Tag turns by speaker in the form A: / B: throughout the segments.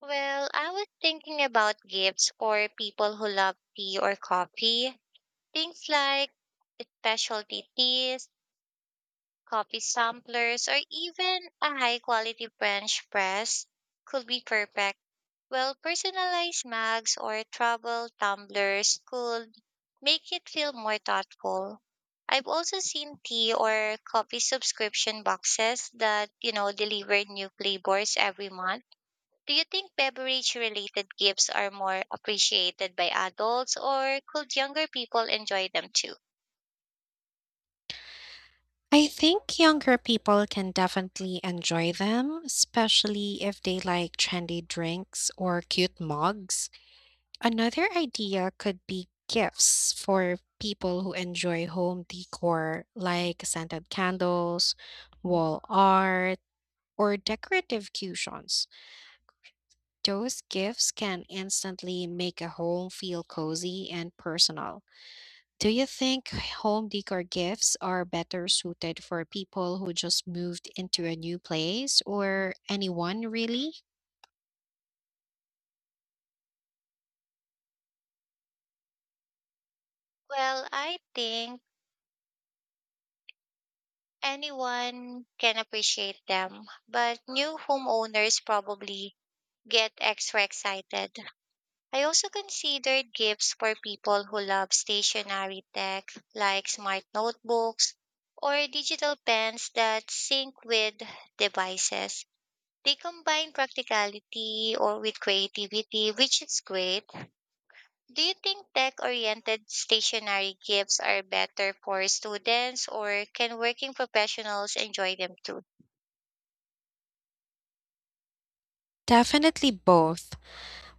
A: Well, I was thinking about gifts for people who love tea or coffee. Things like specialty teas, coffee samplers, or even a high quality French press could be perfect. Well, personalized mugs or travel tumblers could make it feel more thoughtful. I've also seen tea or coffee subscription boxes that, deliver new flavors every month. Do you think beverage related gifts are more appreciated by adults or could younger people enjoy them too?
B: I think younger people can definitely enjoy them, especially if they like trendy drinks or cute mugs. Another idea could be gifts for people who enjoy home decor, like scented candles, wall art, or decorative cushions. Those gifts can instantly make a home feel cozy and personal. Do you think home decor gifts are better suited for people who just moved into a new place or anyone really?
A: Well, I think anyone can appreciate them, but new homeowners probably get extra excited. I also considered gifts for people who love stationary tech like smart notebooks or digital pens that sync with devices. They combine practicality or with creativity, which is great. Do you think tech-oriented stationary gifts are better for students or can working professionals enjoy them too?
B: Definitely both.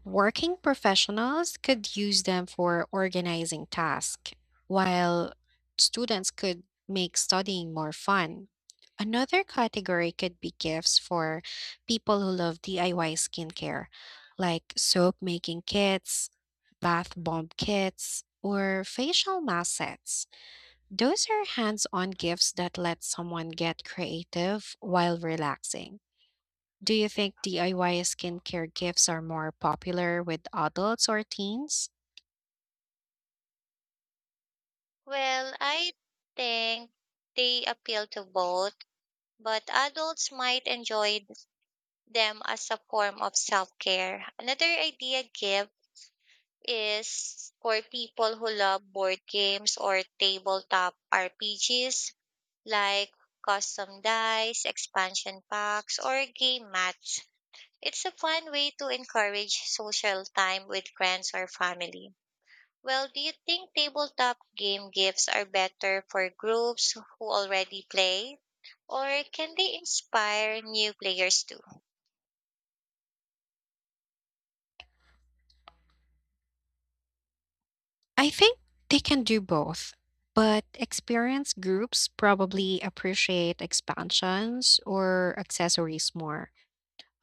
B: Working professionals could use them for organizing tasks, while students could make studying more fun. Another category could be gifts for people who love DIY skincare, like soap making kits, bath bomb kits, or facial mask sets. Those are hands on gifts that let someone get creative while relaxing. Do you think DIY skincare gifts are more popular with adults or teens?
A: Well, I think they appeal to both, but adults might enjoy them as a form of self-care. Another idea gift is for people who love board games or tabletop RPGs like custom dice, expansion packs, or game mats. It's a fun way to encourage social time with friends or family. Well, do you think tabletop game gifts are better for groups who already play? Or can they inspire new players too?
B: I think they can do both, but experienced groups probably appreciate expansions or accessories more.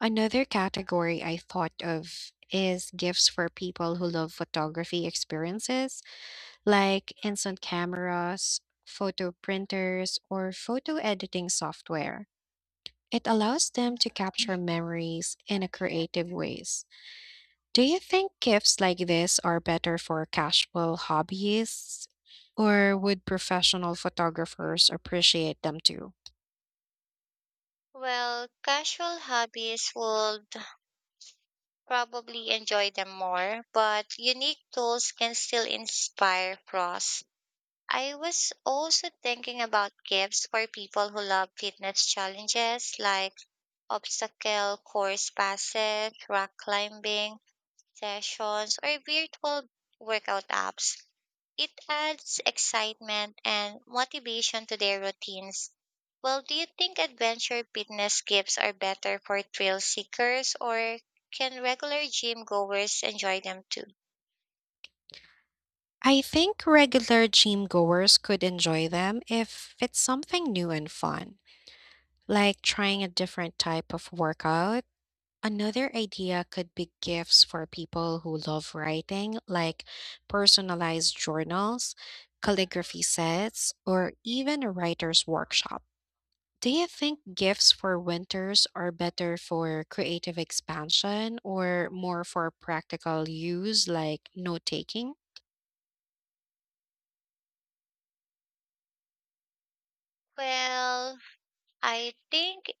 B: Another category I thought of is gifts for people who love photography experiences, like instant cameras, photo printers, or photo editing software. It allows them to capture memories in a creative ways. Do you think gifts like this are better for casual hobbyists, or would professional photographers appreciate them too?
A: Well, casual hobbies would probably enjoy them more, but unique tools can still inspire pros. I was also thinking about gifts for people who love fitness challenges like obstacle course passes, rock climbing sessions, or virtual workout apps. It adds excitement and motivation to their routines. Well, do you think adventure fitness gifts are better for thrill seekers or can regular gym goers enjoy them too?
B: I think regular gym goers could enjoy them if it's something new and fun, like trying a different type of workout. Another idea could be gifts for people who love writing, like personalized journals, calligraphy sets, or even a writer's workshop. Do you think gifts for winters are better for creative expansion or more for practical use like note taking?
A: Well, I think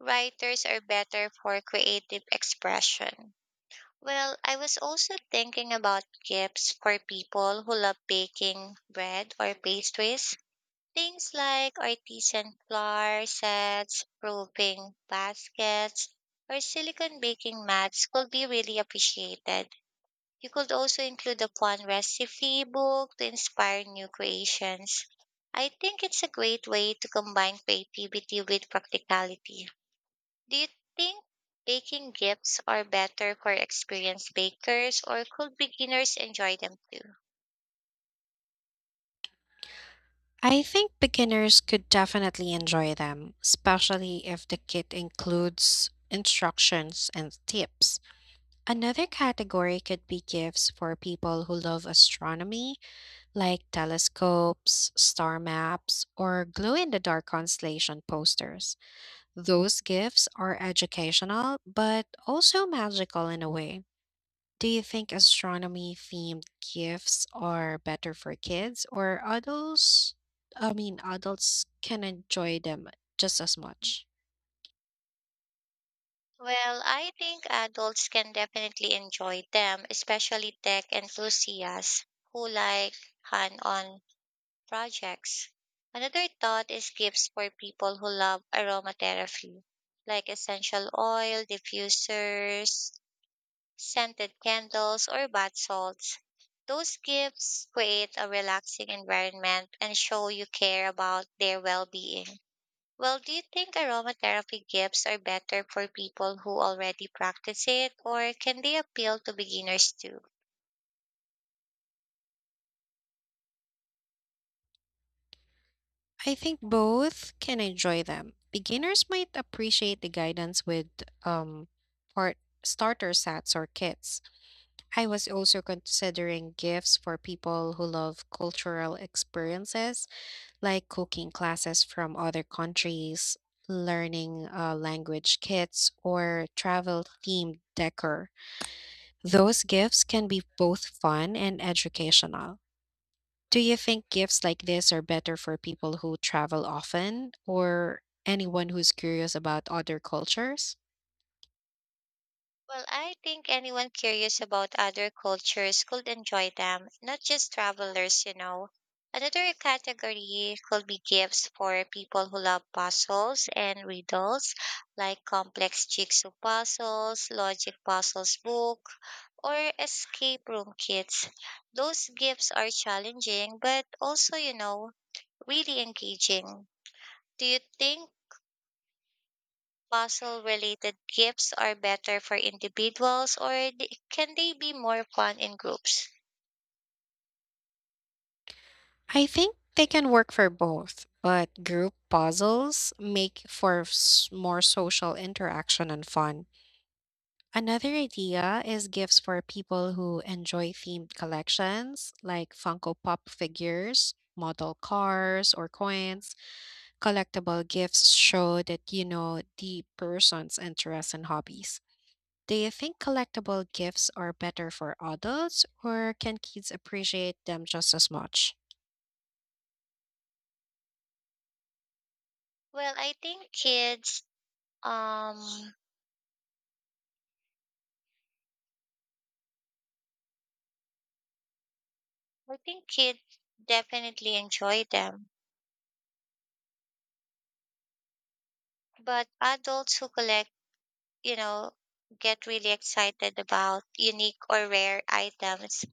A: writers are better for creative expression. Well, I was also thinking about gifts for people who love baking bread or pastries. Things like artisan flour sets, roving baskets, or silicone baking mats could be really appreciated. You could also include a fun recipe book to inspire new creations. I think it's a great way to combine creativity with practicality. Do you think baking gifts are better for experienced bakers or could beginners enjoy them too?
B: I think beginners could definitely enjoy them, especially if the kit includes instructions and tips. Another category could be gifts for people who love astronomy, like telescopes, star maps, or glow in the dark constellation posters. Those gifts are educational, but also magical in a way. Do you think astronomy themed gifts are better for kids or adults? I mean, adults can enjoy them just as much.
A: Well, I think adults can definitely enjoy them, especially tech enthusiasts who like hand-on projects. Another thought is gifts for people who love aromatherapy, like essential oil diffusers scented candles, or bath salts. Those gifts create a relaxing environment and show you care about their well being. Well, do you think aromatherapy gifts are better for people who already practice it, or can they appeal to beginners too?
B: I think both can enjoy them. Beginners might appreciate the guidance with um, part starter sets or kits. I was also considering gifts for people who love cultural experiences like cooking classes from other countries, learning language kits, or travel themed decor. Those gifts can be both fun and educational. Do you think gifts like this are better for people who travel often or anyone who's curious about other cultures?
A: Well, I think anyone curious about other cultures could enjoy them, not just travelers, you know. Another category could be gifts for people who love puzzles and riddles, like complex jigsaw puzzles, logic puzzles book, or escape room kits. Those gifts are challenging, but also, you know, really engaging. Do you think puzzle related gifts are better for individuals or can they be more fun in groups?
B: I think they can work for both, but group puzzles make for more social interaction and fun. Another idea is gifts for people who enjoy themed collections like Funko Pop figures, model cars, or coins. Collectible gifts show that you know the person's interests and hobbies. Do you think collectible gifts are better for adults, or can kids appreciate them just as much?
A: Well, um I think kids definitely enjoy them, but adults who collect, you know, get really excited about unique or rare items.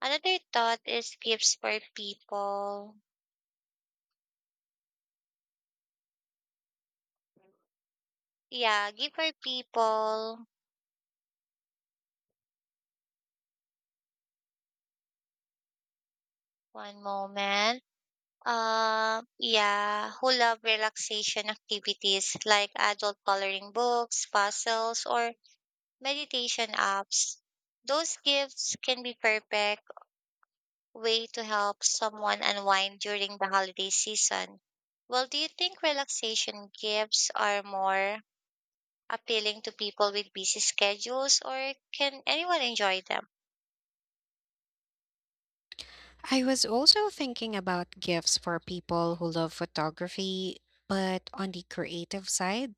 A: Another thought is gifts for people. Yeah, give for people. One moment. Yeah, who love relaxation activities like adult coloring books, puzzles, or meditation apps. Those gifts can be perfect way to help someone unwind during the holiday season. Well, do you think relaxation gifts are more appealing to people with busy schedules or can anyone enjoy them?
B: I was also thinking about gifts for people who love photography, but on the creative side.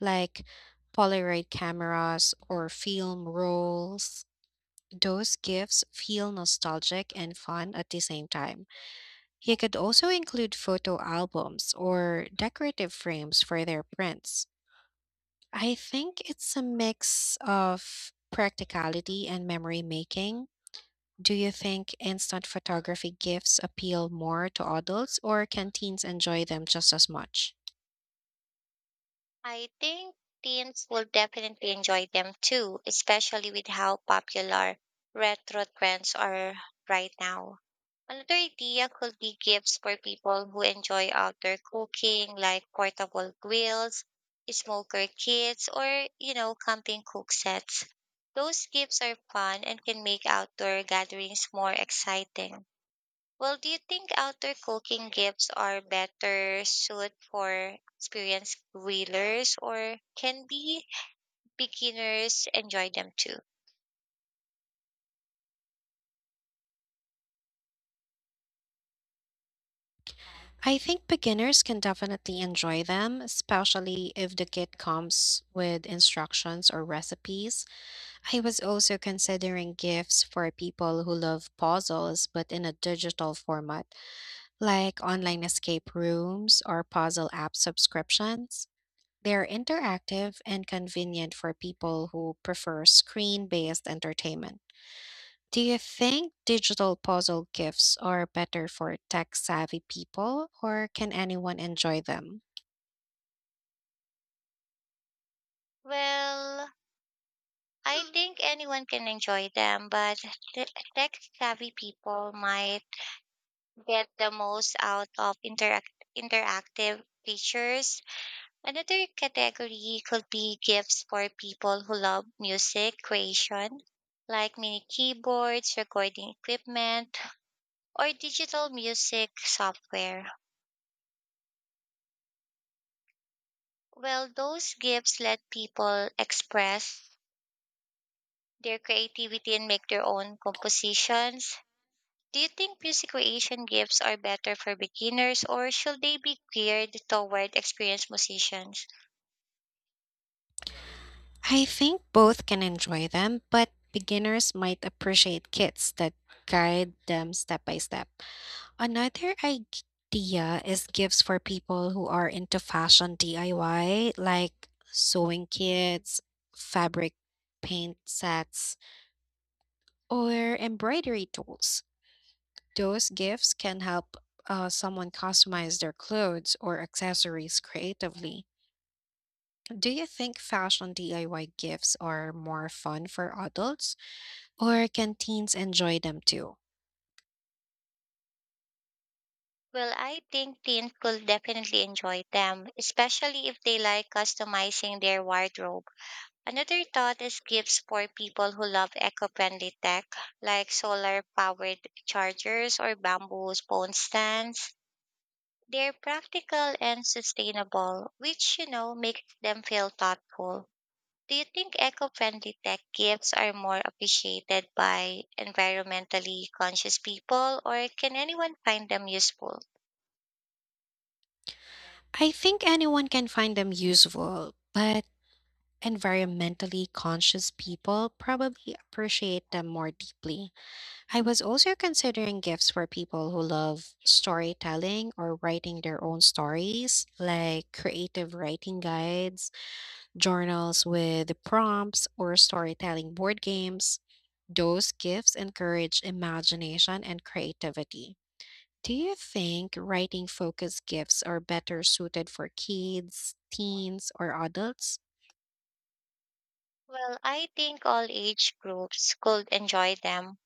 B: Like Polaroid cameras or film rolls. Those gifts feel nostalgic and fun at the same time. You could also include photo albums or decorative frames for their prints. I think it's a mix of practicality and memory making. Do you think instant photography gifts appeal more to adults, or can teens enjoy them just as much?
A: I think teens will definitely enjoy them too, especially with how popular retro trends are right now. Another idea could be gifts for people who enjoy outdoor cooking, like portable grills, smoker kits, or, you know, camping cook sets. Those gifts are fun and can make outdoor gatherings more exciting. Well, do you think outdoor cooking gives are better suit for experienced grillers or can be beginners enjoy them too?
B: I think beginners can definitely enjoy them, especially if the kit comes with instructions or recipes. I was also considering gifts for people who love puzzles but in a digital format, like online escape rooms or puzzle app subscriptions. They're interactive and convenient for people who prefer screen based entertainment. Do you think digital puzzle gifts are better for tech-savvy people, or can anyone enjoy them?
A: Well, I think anyone can enjoy them, but the tech savvy people might get the most out of interactive features. Another category could be gifts for people who love music creation, like mini keyboards, recording equipment, or digital music software. Well, those gifts let people express their creativity and make their own compositions. Do you think music creation gifts are better for beginners or should they be geared toward experienced musicians?
B: I think both can enjoy them, but beginners might appreciate kits that guide them step by step. Another idea is gifts for people who are into fashion DIY, like sewing kits, fabric paint sets, or embroidery tools. Those gifts can help someone customize their clothes or accessories creatively. Do you think fashion DIY gifts are more fun for adults, or can teens enjoy them too?
A: Well, I think teens could definitely enjoy them, especially if they like customizing their wardrobe. Another thought is gifts for people who love eco-friendly tech, like solar-powered chargers or bamboo phone stands. They're practical and sustainable, which, you know, makes them feel thoughtful. Do you think eco-friendly tech gifts are more appreciated by environmentally conscious people, or can anyone find them useful?
B: I think anyone can find them useful, but environmentally conscious people probably appreciate them more deeply. I was also considering gifts for people who love storytelling or writing their own stories, like creative writing guides journals with the prompts, or storytelling board games. Those gifts encourage imagination and creativity. Do you think writing focused gifts are better suited for kids, teens, or adults?
A: Well, I think all age groups could enjoy them,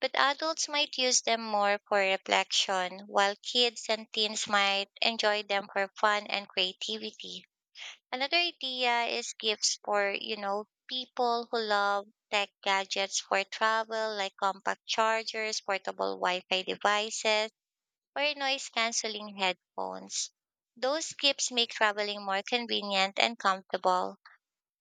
A: but adults might use them more for reflection, while kids and teens might enjoy them for fun and creativity. Another idea is gifts for, you know, people who love tech gadgets for travel, like compact chargers, portable Wi-Fi devices, or noise-canceling headphones. Those gifts make traveling more convenient and comfortable.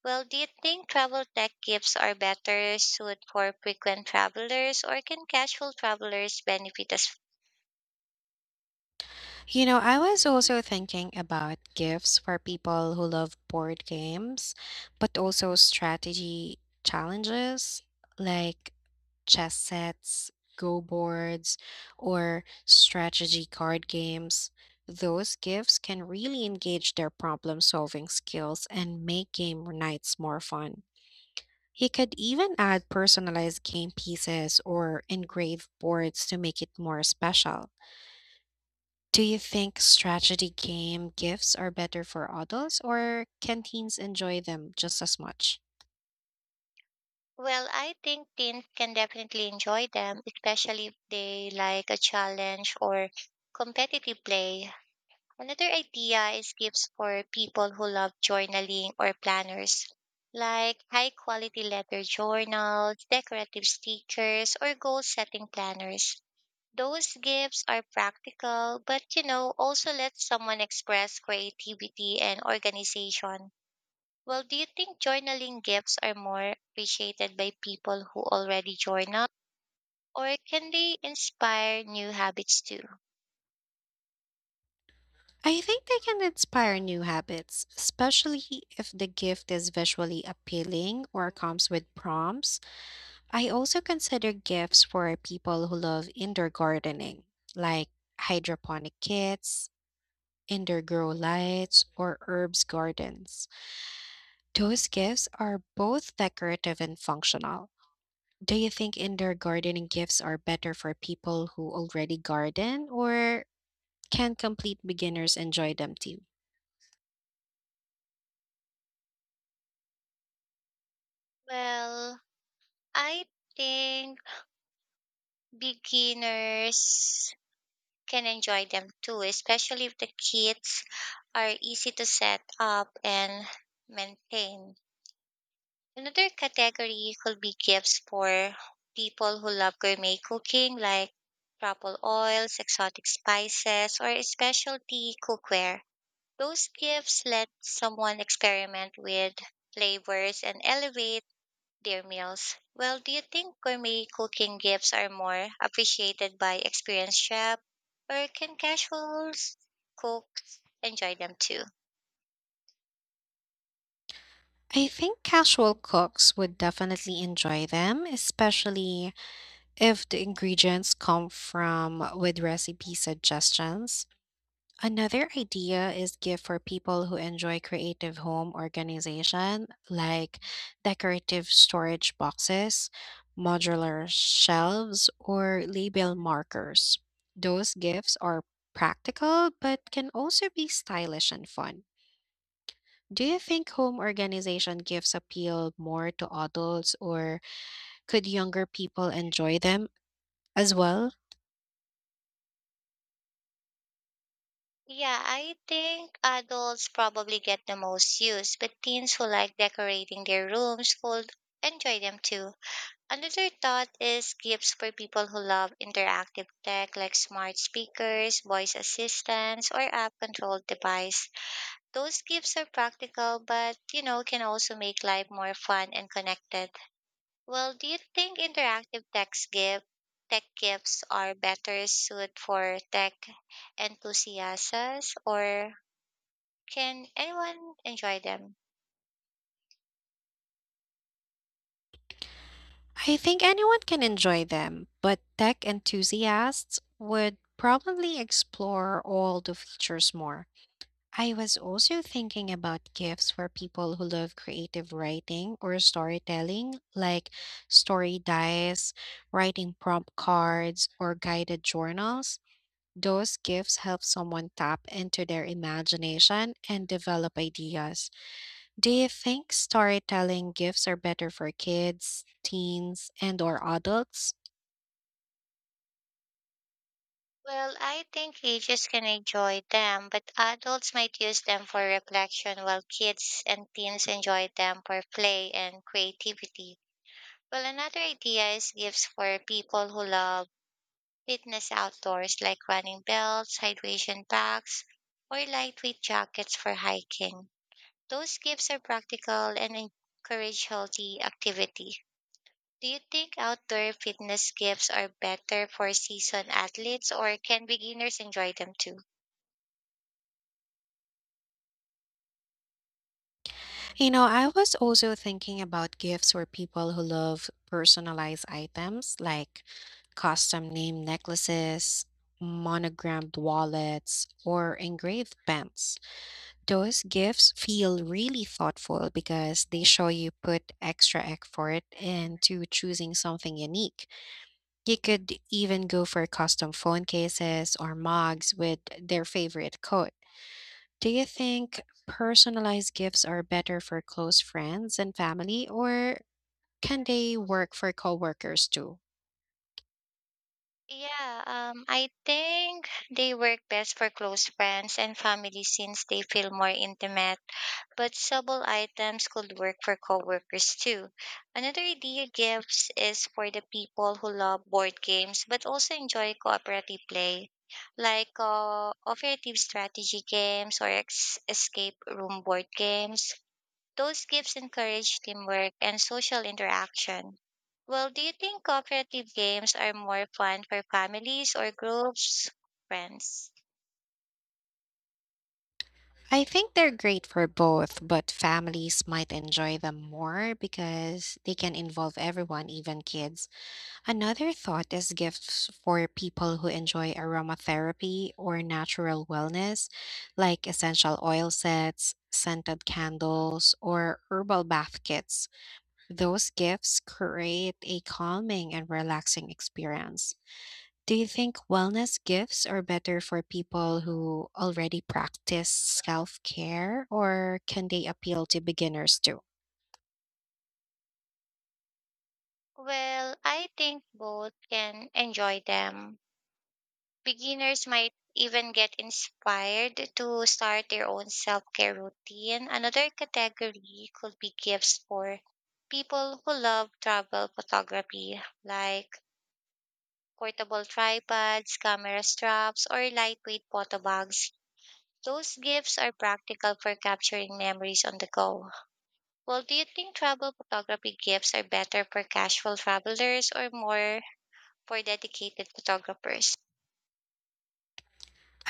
A: Well, do you think travel tech gifts are better suited for frequent travelers or can casual travelers benefit as
B: You know, I was also thinking about gifts for people who love board games, but also strategy challenges like chess sets, go boards, or strategy card games. Those gifts can really engage their problem solving skills and make game nights more fun. You could even add personalized game pieces or engraved boards to make it more special. Do you think strategy game gifts are better for adults, or can teens enjoy them just as much?
A: well? I think teens can definitely enjoy them, especially if they like a challenge or competitive play. Another idea is gifts for people who love journaling or planners, like high quality leather journals, decorative stickers, or goal setting planners. Those gifts are practical, but you know, also let someone express creativity and organization. Well, do you think journaling gifts are more appreciated by people who already journal, or can they inspire new habits too?
B: I think they can inspire new habits, especially if the gift is visually appealing or comes with prompts. I also consider gifts for people who love indoor gardening, like hydroponic kits, indoor grow lights, or herbs gardens. Those gifts are both decorative and functional. Do you think indoor gardening gifts are better for people who already garden, or can complete beginners enjoy them too?
A: Well, I think beginners can enjoy them too, especially if the kits are easy to set up and maintain. Another category could be gifts for people who love gourmet cooking, like truffle oils, exotic spices, or specialty cookware. Those gifts let someone experiment with flavors and elevate their meals. Well, do you think gourmet cooking gifts are more appreciated by experienced chefs, or can casuals cooks enjoy them too?
B: I think casual cooks would definitely enjoy them, especially if the ingredients come from with recipe suggestions. Another idea is gift for people who enjoy creative home organization, like decorative storage boxes, modular shelves, or label markers. Those gifts are practical but can also be stylish and fun. Do you think home organization gives appeal more to adults or could younger people enjoy them as well?
A: Yeah, I think adults probably get the most use, but teens who like decorating their rooms will enjoy them too. Another thought is gifts for people who love interactive tech like smart speakers, voice assistants, or app-controlled device. Those gifts are practical, but you know, can also make life more fun and connected. Well, do you think tech gifts are better suited for tech enthusiasts or can anyone enjoy them?
B: I think anyone can enjoy them, but tech enthusiasts would probably explore all the features more. I was also thinking about gifts for people who love creative writing or storytelling, like story dice, writing prompt cards, or guided journals. Those gifts help someone tap into their imagination and develop ideas. Do you think storytelling gifts are better for kids, teens, and or adults?
A: Well, I think ages can enjoy them, but adults might use them for reflection while kids and teens enjoy them for play and creativity. Well, another idea is gifts for people who love fitness outdoors, like running belts, hydration packs, or lightweight jackets for hiking. Those gifts are practical and encourage healthy activity. Do you think outdoor fitness gifts are better for seasoned athletes or can beginners enjoy them too?
B: You know, I was also thinking about gifts for people who love personalized items like custom name necklaces, monogrammed wallets, or engraved pens. Those gifts feel really thoughtful because they show you put extra effort into choosing something unique. You could even go for custom phone cases or mugs with their favorite quote. Do you think personalized gifts are better for close friends and family, or can they work for coworkers too?
A: Yeah, I think they work best for close friends and family since they feel more intimate, but sable items could work for coworkers too. Another idea gifts is for the people who love board games but also enjoy cooperative play, like cooperative strategy games or escape room board games. Those gifts encourage teamwork and social interaction. Well, do you think cooperative games are more fun for families or groups, friends?
B: I think they're great for both, but families might enjoy them more because they can involve everyone, even kids. Another thought is gifts for people who enjoy aromatherapy or natural wellness, like essential oil sets, scented candles, or herbal bath kits. Those gifts create a calming and relaxing experience. Do you think wellness gifts are better for people who already practice self care, or can they appeal to beginners too?
A: Well, I think both can enjoy them. Beginners might even get inspired to start their own self care routine. Another category could be gifts for people who love travel photography, like portable tripods, camera straps, or lightweight photo bags. Those gifts are practical for capturing memories on the go. Well, do you think travel photography gifts are better for casual travelers or more for dedicated photographers?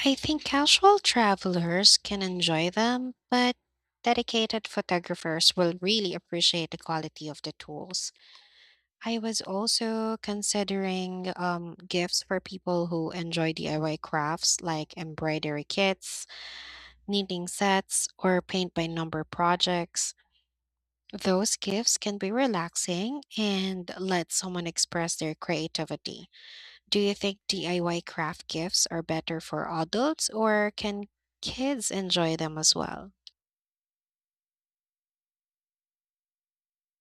B: I think casual travelers can enjoy them, but dedicated photographers will really appreciate the quality of the tools. I was also considering gifts for people who enjoy DIY crafts like embroidery kits, knitting sets, or paint by number projects. Those gifts can be relaxing and let someone express their creativity. Do you think DIY craft gifts are better for adults or can kids enjoy them as well?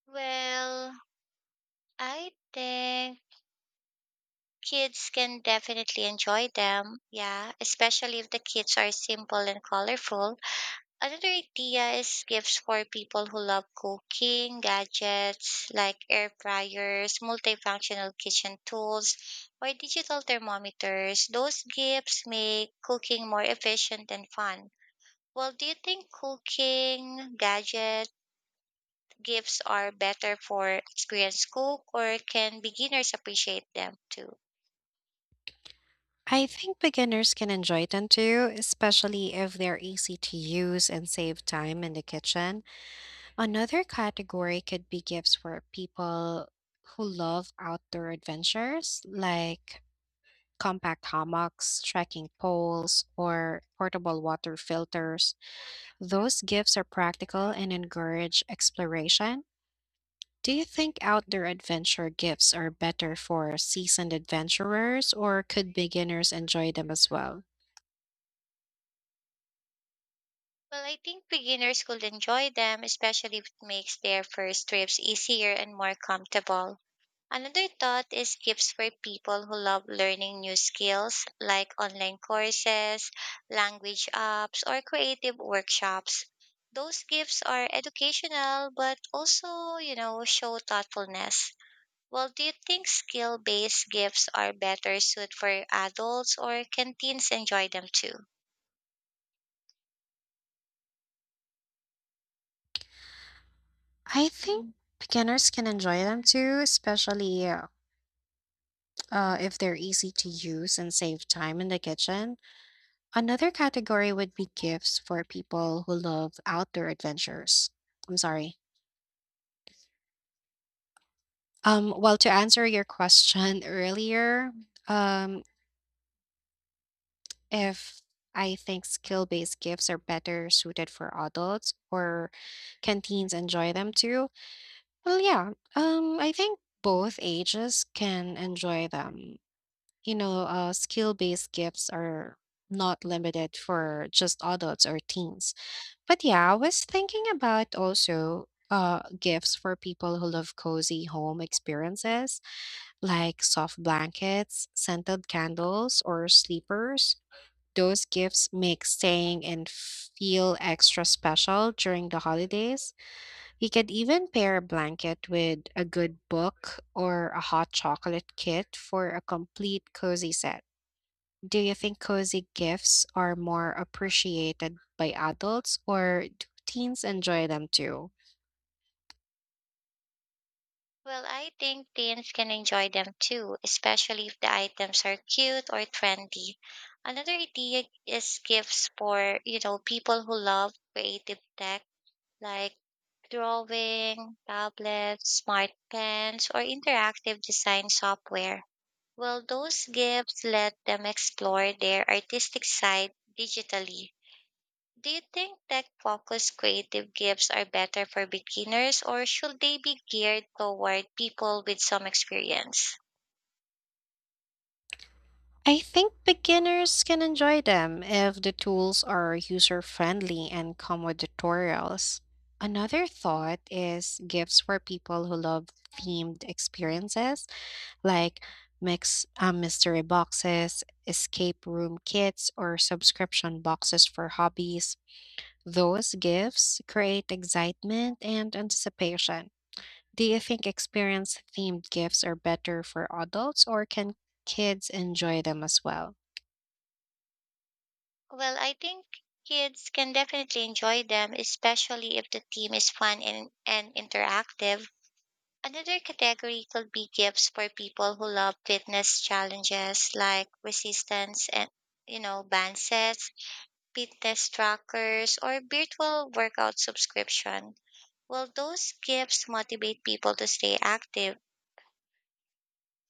A: Well, I think kids can definitely enjoy them. Yeah, especially if the kits are simple and colorful. Another idea is gifts for people who love cooking, gadgets like air fryers, multifunctional kitchen tools, or digital thermometers. Those gifts make cooking more efficient and fun. Well, do you think cooking gadget gifts are better for experienced cook or can beginners appreciate them too?
B: I think beginners can enjoy them too, especially if they're easy to use and save time in the kitchen. Another category could be gifts for people who love outdoor adventures, like compact hammocks, trekking poles, or portable water filters. Those gifts are practical and encourage exploration. Do you think outdoor adventure gifts are better for seasoned adventurers or could beginners enjoy them as well?
A: Well, I think beginners could enjoy them, especially if it makes their first trips easier and more comfortable. Another thought is gifts for people who love learning new skills like online courses, language apps, or creative workshops. Those gifts are educational but also, you know, show thoughtfulness. Well, do you think skill based gifts are better suited for adults or can teens enjoy them too?
B: I think beginners can enjoy them too, especially if they're easy to use and save time in the kitchen. Another category would be gifts for people who love outdoor adventures. I'm sorry. Well, to answer your question earlier, um, if I think skill based gifts are better suited for adults or can teens enjoy them too? Well, yeah, I think both ages can enjoy them. You know, skill based gifts are not limited for just adults or teens. But yeah, I was thinking about also. Gifts for people who love cozy home experiences like soft blankets, scented candles, or sleepers. Those gifts make staying and feel extra special during the holidays. You could even pair a blanket with a good book or a hot chocolate kit for a complete cozy set. Do you think cozy gifts are more appreciated by adults or do teens enjoy them too?
A: Well, I think teens can enjoy them too, especially if the items are cute or trendy. Another idea is gifts for, you know, people who love creative tech like drawing, tablets, smart pens, or interactive design software. Well, those gifts let them explore their artistic side digitally. Do you think tech focused creative gifts are better for beginners or should they be geared toward people with some experience?
B: I think beginners can enjoy them if the tools are user friendly and come with tutorials. Another thought is gifts for people who love themed experiences like mix mystery boxes, escape room kits, or subscription boxes for hobbies. Those gifts create excitement and anticipation. Do you think experience themed gifts are better for adults or can kids enjoy them as well?
A: Well, I think kids can definitely enjoy them, especially if the theme is fun and interactive. Another category could be gifts for people who love fitness challenges like resistance and you know, band sets, fitness trackers, or virtual workout subscription. Well, those gifts motivate people to stay active.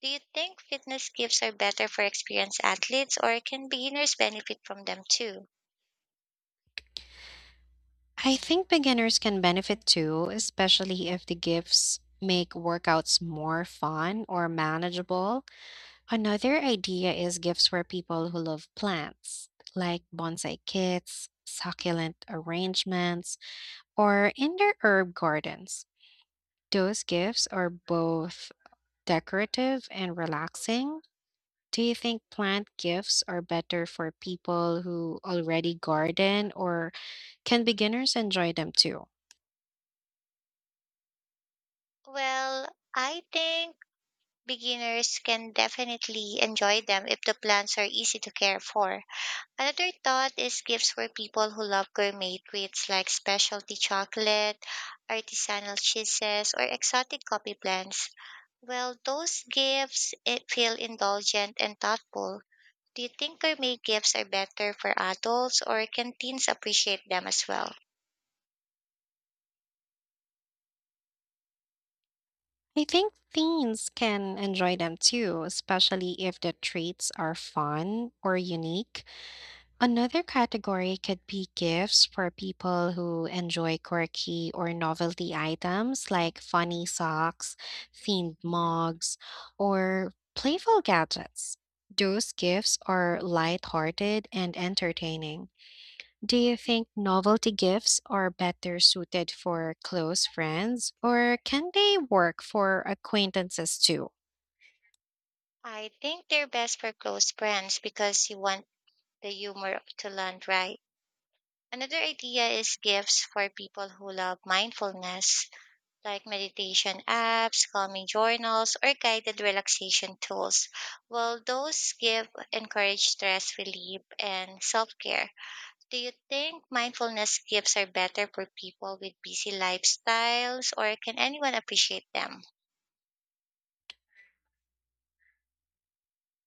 A: Do you think fitness gifts are better for experienced athletes or can beginners benefit from them too?
B: I think beginners can benefit too, especially if the gifts make workouts more fun or manageable. Another idea is gifts for people who love plants, like bonsai kits, succulent arrangements, or indoor herb gardens. Those gifts are both decorative and relaxing. Do you think plant gifts are better for people who already garden, or can beginners enjoy them too?
A: Well, I think beginners can definitely enjoy them if the plants are easy to care for. Another thought is gifts for people who love gourmet treats like specialty chocolate, artisanal cheeses, or exotic coffee blends. Well, those gifts it feel indulgent and thoughtful. Do you think gourmet gifts are better for adults or can teens appreciate them as well?
B: I think teens can enjoy them too, especially if the treats are fun or unique. Another category could be gifts for people who enjoy quirky or novelty items like funny socks, themed mugs, or playful gadgets. Those gifts are lighthearted and entertaining. Do you think novelty gifts are better suited for close friends, or can they work for acquaintances too?
A: I think they're best for close friends because you want the humor to land right. Another idea is gifts for people who love mindfulness, like meditation apps, calming journals, or guided relaxation tools. Well, those give encourage stress relief and self care. Do you think mindfulness gifts are better for people with busy lifestyles, or can anyone appreciate them?